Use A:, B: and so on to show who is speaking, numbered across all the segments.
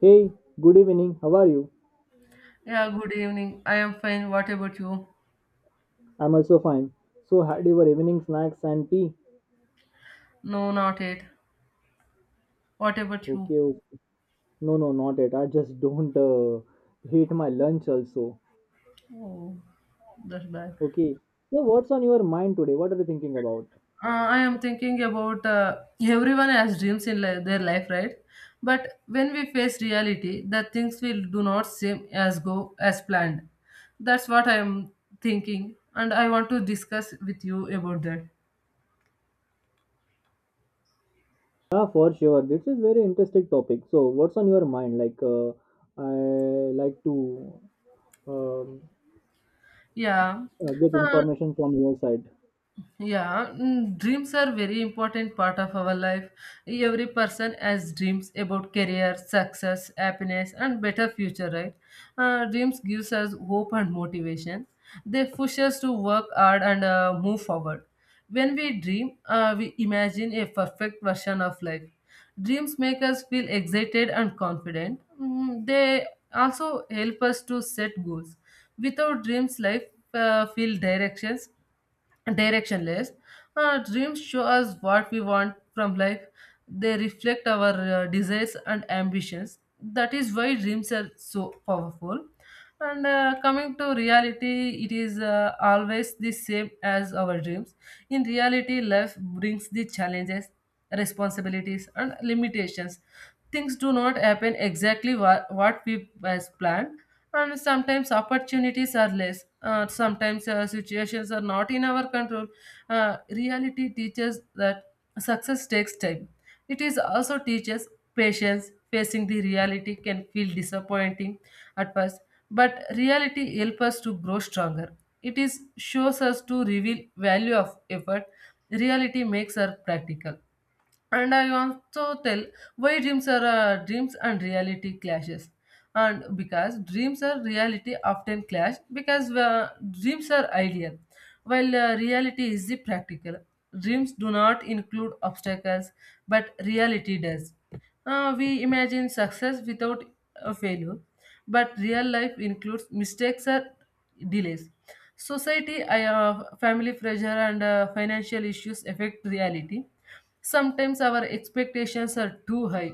A: Hey, good evening. How are you?
B: Yeah, good evening. I am fine. What about you?
A: I'm also fine. So, had your evening snacks and tea?
B: No, not it. What about you?
A: Okay, okay. No, no, not yet. I just don't hate my lunch also.
B: Oh, that's bad.
A: Okay. So, what's on your mind today? What are you thinking about?
B: I am thinking about everyone has dreams in their life, right? But when we face reality, the things will do not seem as go as planned. That's what I am thinking, and I want to discuss with you about that.
A: Yeah, for sure. This is very interesting topic. So, what's on your mind? I like to um,
B: Yeah.
A: get
B: Uh,
A: information from your side.
B: Yeah, dreams are very important part of our life. Every person has dreams about career, success, happiness, and better future, right? Dreams gives us hope and motivation. They push us to work hard and move forward. When we dream, we imagine a perfect version of life. Dreams make us feel excited and confident. Mm, they also help us to set goals. Without dreams, life feel directions directionless. Dreams show us what we want from life. They reflect our desires and ambitions. That is why dreams are so powerful. And coming to reality, it is always the same as our dreams. In reality, life brings the challenges, responsibilities, and limitations. Things do not happen exactly what we as planned, and sometimes opportunities are less, sometimes situations are not in our control. Reality teaches that success takes time. It is also teaches patience. Facing the reality can feel disappointing at first, but reality helps us to grow stronger. It is shows us to reveal value of effort. Reality makes us practical, and I also tell why dreams are dreams and reality clashes. And because dreams are reality often clash because dreams are ideal, while reality is the practical. Dreams do not include obstacles, but reality does. We imagine success without a failure, but real life includes mistakes or delays. Society, family pressure, and financial issues affect reality. Sometimes our expectations are too high.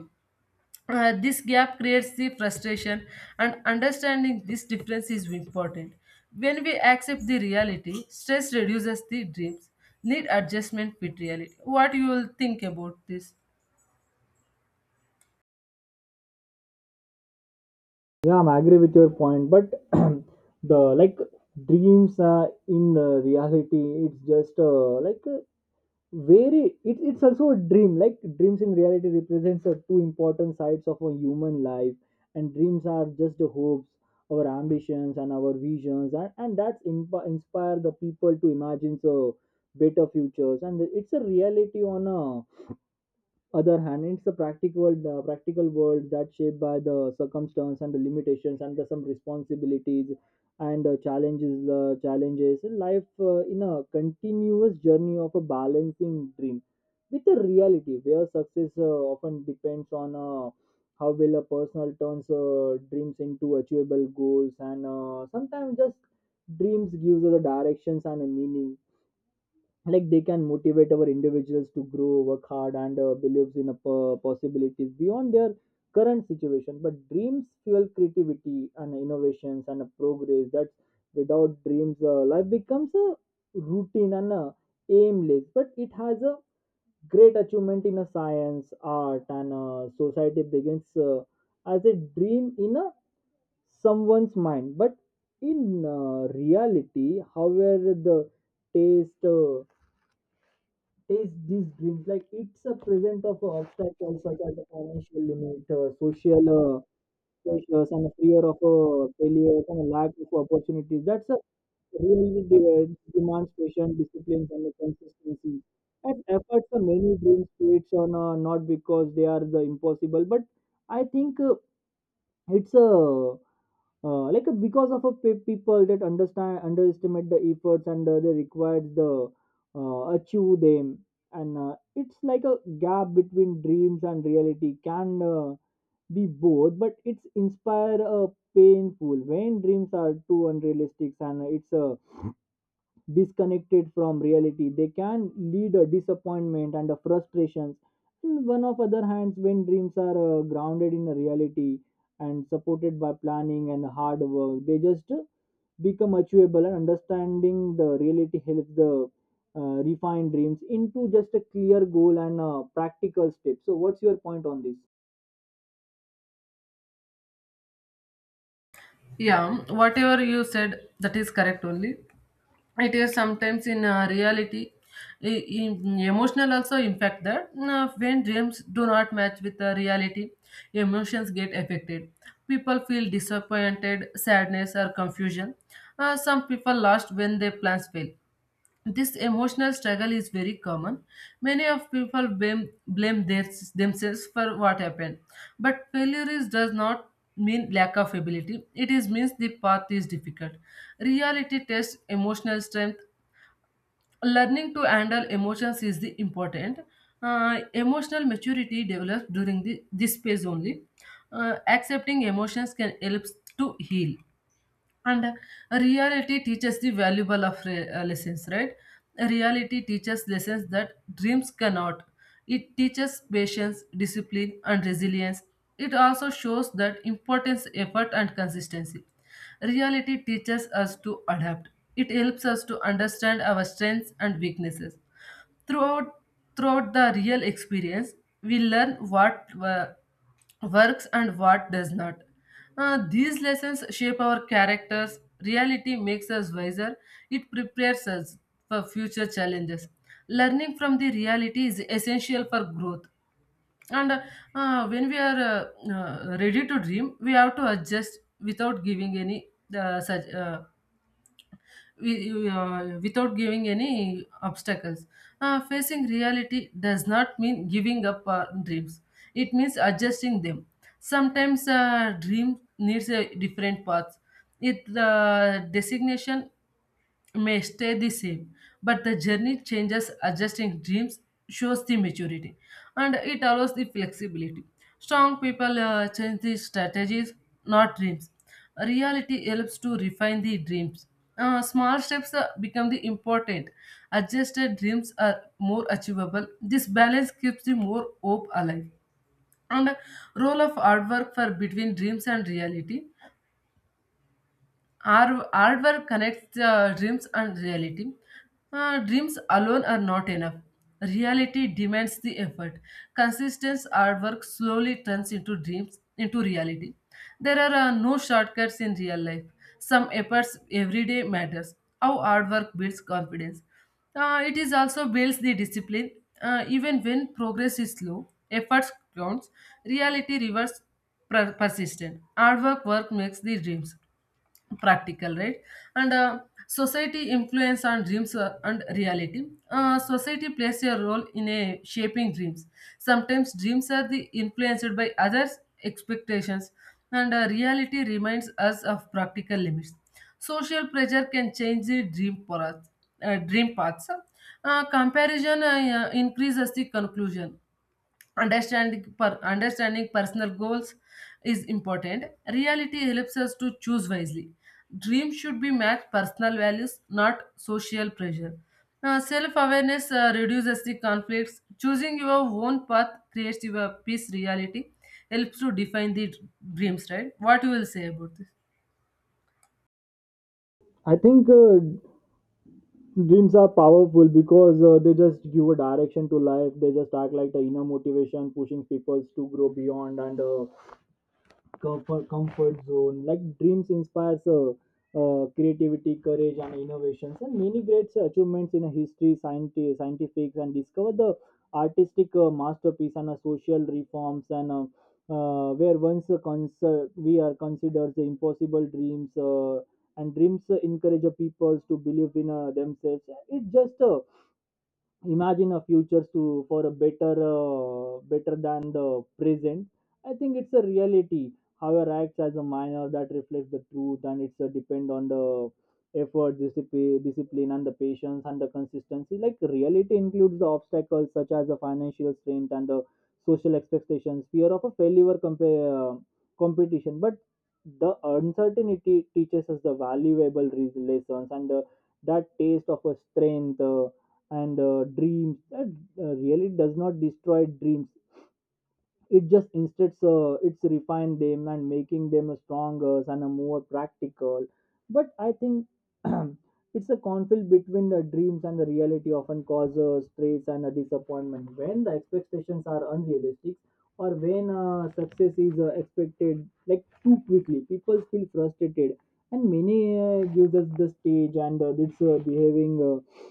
B: This gap creates the frustration, and understanding this difference is important. When we accept the reality, stress reduces the dreams. Need adjustment with reality. What you will think about this?
A: Yeah, I'm agree with your point, but the like dreams in reality, it's just like very. It's also a dream. Like dreams in reality represents the two important sides of a human life, and dreams are just the hopes, our ambitions, and our visions, and that's inspire the people to imagine so better futures. And it's a reality on a other hand, it's the practical world that's shaped by the circumstance and the limitations and the, some responsibilities and challenges challenges life in a continuous journey of a balancing dream with the reality, where success often depends on how well a personal turns dreams into achievable goals, and sometimes just dreams gives us the directions and a meaning, like they can motivate our individuals to grow work hard and believes in a possibilities beyond their current situation, but dreams fuel creativity and innovations and a progress that without dreams life becomes a routine and a aimless, but it has a great achievement in a science art and society begins as a dream in a someone's mind. But in reality, however, the taste is these dreams, like it's a present of obstacles such as the financial limit, social pressures, and the fear of failure and a lack of opportunities. That's a really demands patience, discipline, and the consistency. And efforts for many dreams creates on not because they are the impossible, but I think it's a because of a people that understand underestimate the efforts and they required the achieve them. And it's like a gap between dreams and reality can be both, but it's inspire painful when dreams are too unrealistic and it's disconnected from reality, they can lead a disappointment and a frustrations. And one of other hands, when dreams are grounded in a reality and supported by planning and hard work, they just become achievable, and understanding the reality helps the refine dreams into just a clear goal and practical steps. So what's your point on this?
B: Yeah, whatever you said, that is correct only. It is sometimes in reality, i- in emotional also impact that when dreams do not match with the reality, emotions get affected. People feel disappointed, sadness, or confusion. Some people lost when their plans fail. This emotional struggle is very common. Many of people blame themselves for what happened. But failure is, does not mean lack of ability. It is means the path is difficult. Reality tests emotional strength. Learning to handle emotions is the important. Emotional maturity develops during this phase only. Accepting emotions can help to heal, and reality teaches the valuable of lessons, right? Reality teaches lessons that dreams cannot. It teaches patience, discipline, and resilience. It also shows that importance effort and consistency. Reality teaches us to adapt. It helps us to understand our strengths and weaknesses. Throughout, throughout the real experience, we learn what works and what does not. These lessons shape our characters. Reality makes us wiser. It prepares us for future challenges. Learning from the reality is essential for growth. And When we are ready to dream, we have to adjust without giving any uh, such, uh, without giving any obstacles. Facing reality does not mean giving up our dreams, it means adjusting them. Sometimes a dream needs a different path. It the designation may stay the same, but the journey changes. Adjusting dreams shows the maturity, and it allows the flexibility. Strong people change the strategies, not dreams. Reality helps to refine the dreams. Small steps become the important. Adjusted dreams are more achievable. This balance keeps the more hope alive. And role of hard work for between dreams and reality, our artwork connects dreams and reality. Dreams alone are not enough. Reality demands the effort. Consistent artwork slowly turns into dreams, into reality. There are no shortcuts in real life. Some efforts every day matters. How artwork builds confidence. It is also builds the discipline. Even when progress is slow, efforts counts. Reality rewards persistent. Hard work makes the dreams practical, right? And society influence on dreams and reality. Society plays a role in a shaping dreams. Sometimes dreams are the influenced by others' expectations, and reality reminds us of practical limits. Social pressure can change the dream paths. Comparison increases the conclusion. Understanding personal goals is important. Reality helps us to choose wisely. Dreams should be matched personal values, not social pressure. Self-awareness reduces the conflicts. Choosing your own path creates your peace. Reality helps to define the dreams, right? What you will say about this?
A: I think dreams are powerful because they just give a direction to life. They just act like the inner motivation pushing people to grow beyond and comfort zone, like dreams inspires creativity courage and innovations, and many great achievements in history, scientific and discover the artistic masterpiece and social reforms and where once we are considered the impossible dreams. And dreams encourage the people to believe in themselves. It's just imagine a future to for a better better than the present. I think it's a reality, however, acts as a minor that reflects the truth, and it's a depend on the effort discipline and the patience and the consistency, like reality includes the obstacles such as the financial strength and the social expectations, fear of a failure, competition. But the uncertainty teaches us the valuable lessons, and the, that taste of a strength and dreams that really does not destroy dreams. It just instead it's refine them and making them stronger and a more practical. But I think it's a conflict between the dreams and the reality often causes stress and a disappointment when the expectations are unrealistic, or when success is expected like too quickly, people feel frustrated, and many gives us the stage and it's behaving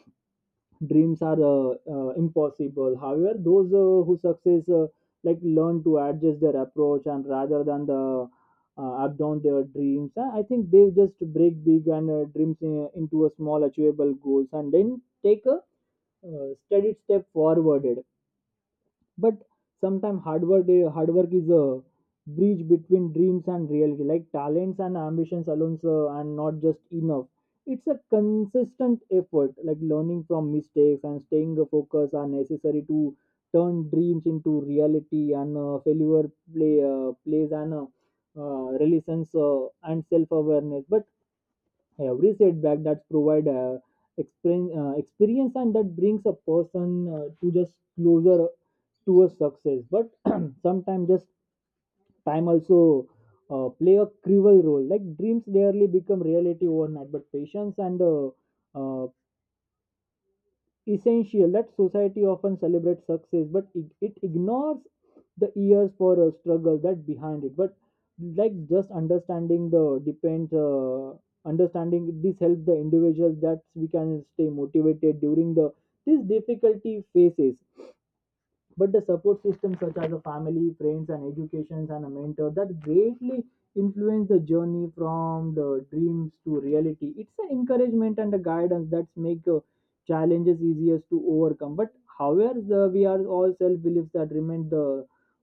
A: dreams are impossible. However, those who success like learn to adjust their approach and rather than the abandon their dreams. I think they just break big and dreams in, into a small achievable goals, and then take a steady step forward. But sometimes hard work is a bridge between dreams and reality, like talents and ambitions alone sir, and not just enough. It's a consistent effort like learning from mistakes and staying focused are necessary to turn dreams into reality. And failure plays an reluctance and self awareness. But every setback that's provide experience, and that brings a person to just closer to a success. But sometimes just time also play a cruel role, like dreams rarely become reality overnight, but patience and uh, essential, that society often celebrates success, but it ignores the years for a struggle that behind it. But like just understanding the depends understanding this helps the individuals that we can stay motivated during the these difficulty phases. But the support system such as a family friends and educations and a mentor that greatly influence the journey from the dreams to reality, it's an encouragement and a guidance that make challenges easiest to overcome. But however the, we are all self beliefs that remain the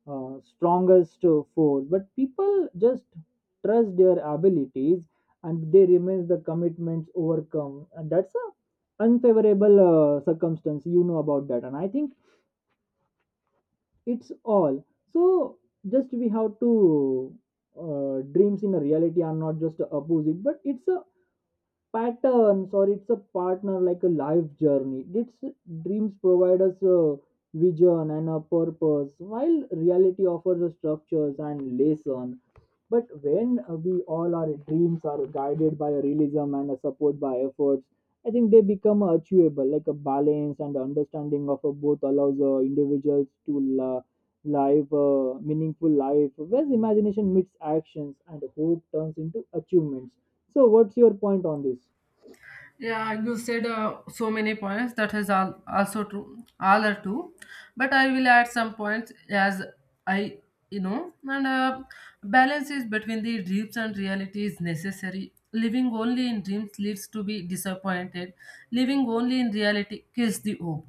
A: strongest force. But people just trust their abilities, and they remain the commitments overcome, and that's a unfavorable circumstance you know about that. And I think it's all, so just we have to dreams in a reality are not just a opposite, but it's a patterns or it's a partner like a life journey. It's dreams provide us a vision and a purpose while reality offers us structures and lesson. But when we all our dreams are guided by a realism and a support by efforts, I think they become achievable. Like a balance and understanding of both allows individuals to live a meaningful life, where imagination meets actions and hope turns into achievements. So, what's your point on this?
B: Yeah, you said so many points. That is all also true. All are true, but I will add some points as I you know. And balance is between the dreams and reality is necessary. Living only in dreams leads to be disappointed. Living only in reality kills the hope.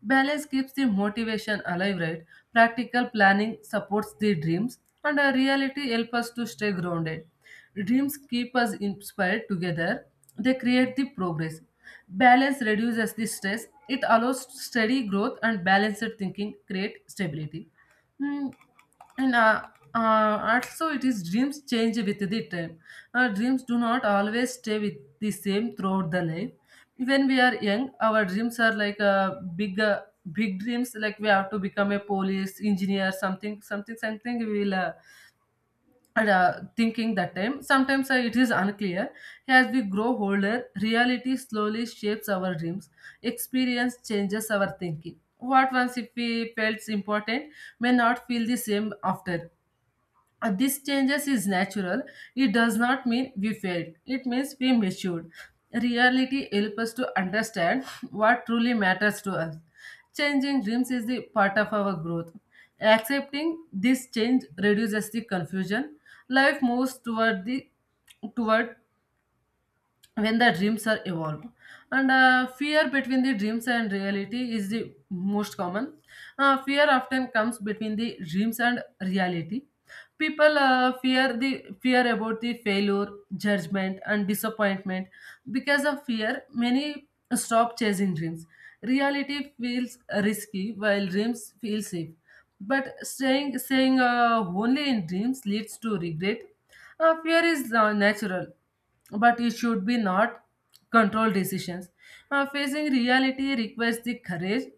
B: Balance keeps the motivation alive, right? Practical planning supports the dreams, and reality helps us to stay grounded. Dreams keep us inspired together, they create the progress. Balance reduces the stress, it allows steady growth, and balanced thinking create stability. Hmm, and also it is dreams change with the time. Our dreams do not always stay with the same throughout the life. When we are young, our dreams are like big dreams, like we have to become a police engineer, something something something we will, and thinking that time sometimes it is unclear. As we grow older, reality slowly shapes our dreams. Experience changes our thinking. What once if we felt important may not feel the same after. This changes is natural. It does not mean we failed. It means we matured. Reality helps us to understand what truly matters to us. Changing dreams is the part of our growth. Accepting this change reduces the confusion. Life moves toward when the dreams are evolved. And fear between the dreams and reality is the most common. Fear often comes between the dreams and reality. People fear about the failure, judgment, and disappointment. Because of fear, many stop chasing dreams. Reality feels risky, while dreams feel safe, but staying only in dreams leads to regret. Fear is natural, but it should be not controlled decisions. Facing reality requires the courage,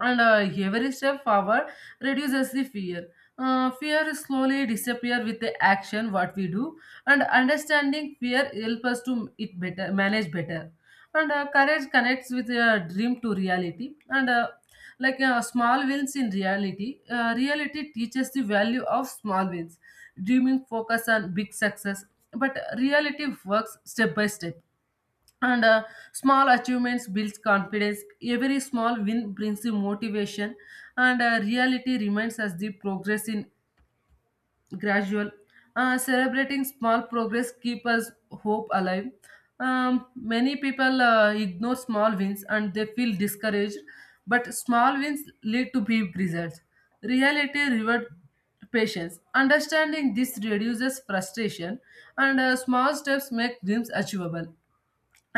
B: and every step forward reduces the fear. Fear slowly disappear with the action what we do, and understanding fear help us to it better manage better. And courage connects with a dream to reality, and small wins in reality, reality teaches the value of small wins. Dreaming focus on big success, but reality works step by step, and small achievements builds confidence. Every small win brings the motivation, and reality reminds us the progress in gradual. Celebrating small progress keep us hope alive. um, many people ignore small wins and they feel discouraged, but small wins lead to big results. Reality reward patience. Understanding this reduces frustration, and small steps make dreams achievable.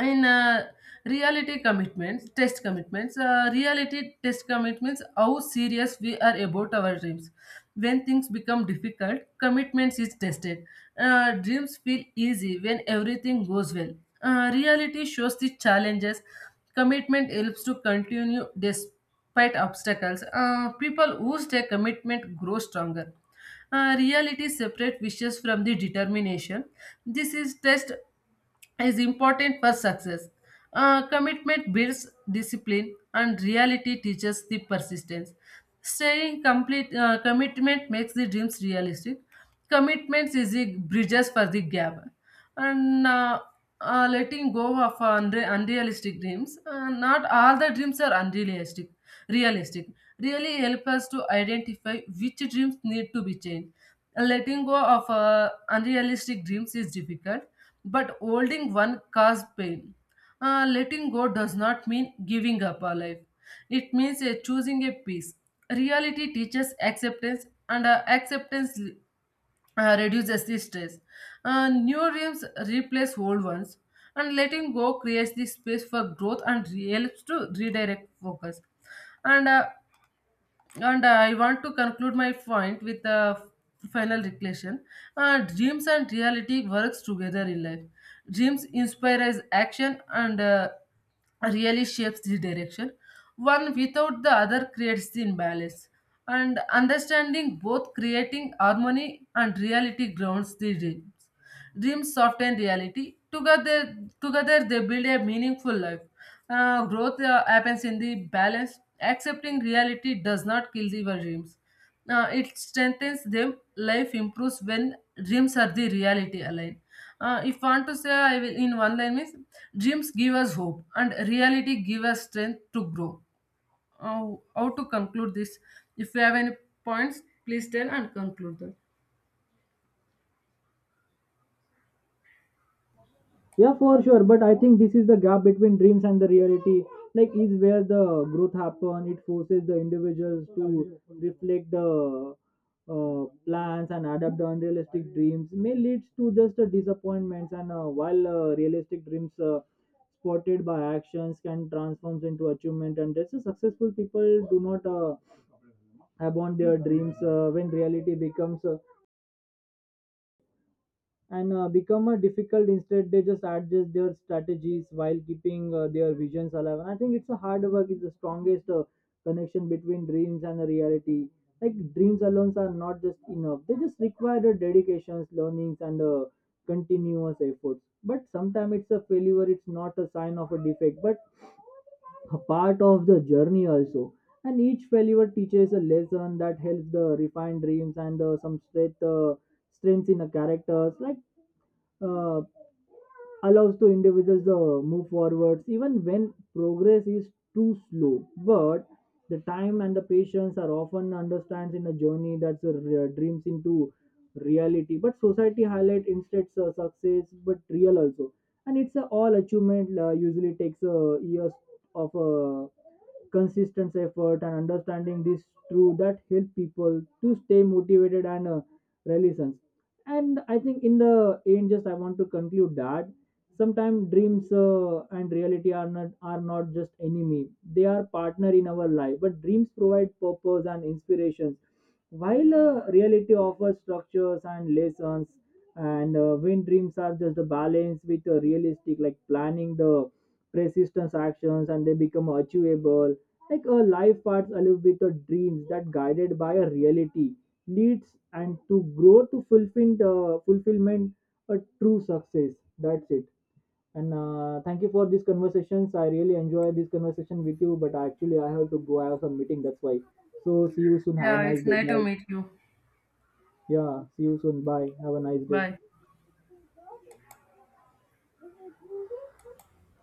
B: In reality commitments test commitments. Reality test commitments how serious we are about our dreams. When things become difficult, commitments is tested. Dreams feel easy when everything goes well. Reality shows the challenges. Commitment helps to continue despite obstacles. People who stay commitment grow stronger. Reality separate wishes from the determination. This is test is important for success. Commitment builds discipline, and reality teaches the persistence. Staying complete commitment makes the dreams realistic. Commitments is the bridges for the gap, and letting go of unrealistic dreams. Not all the dreams are unrealistic. Realistic really help us to identify which dreams need to be changed. Letting go of unrealistic dreams is difficult, but holding one cause pain. Letting go does not mean giving up our life. It means choosing a peace. Reality teaches acceptance, and acceptance reduces the stress. New dreams replace old ones, and letting go creates the space for growth and helps to redirect focus. And uh, and I want to conclude my point with a final reflection. Dreams and reality works together in life. Dreams inspires action, and really shapes the direction. One without the other creates the imbalance, and understanding both creating harmony, and reality grounds the dreams. Dreams soften reality. Together they build a meaningful life. Growth happens in the balance. Accepting reality does not kill the dreams. It strengthens them. Life improves when dreams are the reality aligned. If want to say I will, in one line means dreams give us hope and reality give us strength to grow. How to conclude this? If you have any points, please tell and conclude them.
A: Yeah, for sure. But I think this is the gap between dreams and the reality. Like, is where the growth happen. It forces the individuals to reflect the plans and adapt the unrealistic dreams. May leads to just disappointments. And while realistic dreams spotted by actions can transform into achievement, and that's a successful people do not abandon their dreams when reality becomes. And become a difficult, instead they just adjust their strategies while keeping their visions alive. And I think it's a hard work is the strongest connection between dreams and the reality, like dreams alone are not just enough. They just require the dedications learnings and continuous efforts. But sometimes it's a failure, it's not a sign of a defect, but a part of the journey also, and each failure teaches a lesson that helps the refine dreams and some strength strengths in the characters, like uh, allows to individuals to move forwards even when progress is too slow. But the time and the patience are often understands in a journey that's a dreams into reality. But society highlight instead success, but real also, and it's a all achievement usually takes years of consistent effort, and understanding this through that help people to stay motivated and resilient. And I think in the end just I want to conclude that sometimes dreams and reality are not just enemy, they are partner in our life. But dreams provide purpose and inspirations while reality offers structures and lessons. And when dreams are just a balance with a realistic like planning the persistence actions, and they become achievable, like a life path alive with the dreams that guided by a reality leads and to grow to fulfill the fulfillment a true success. That's it. And thank you for these conversations. I really enjoy this conversation with you, but actually I have to go. I have some meeting. That's why. So see you soon. Have a
B: Yeah,
A: nice
B: it's
A: day.
B: nice to
A: Bye.
B: meet you.
A: Yeah. See you soon. Bye. Have a nice day.
B: Bye.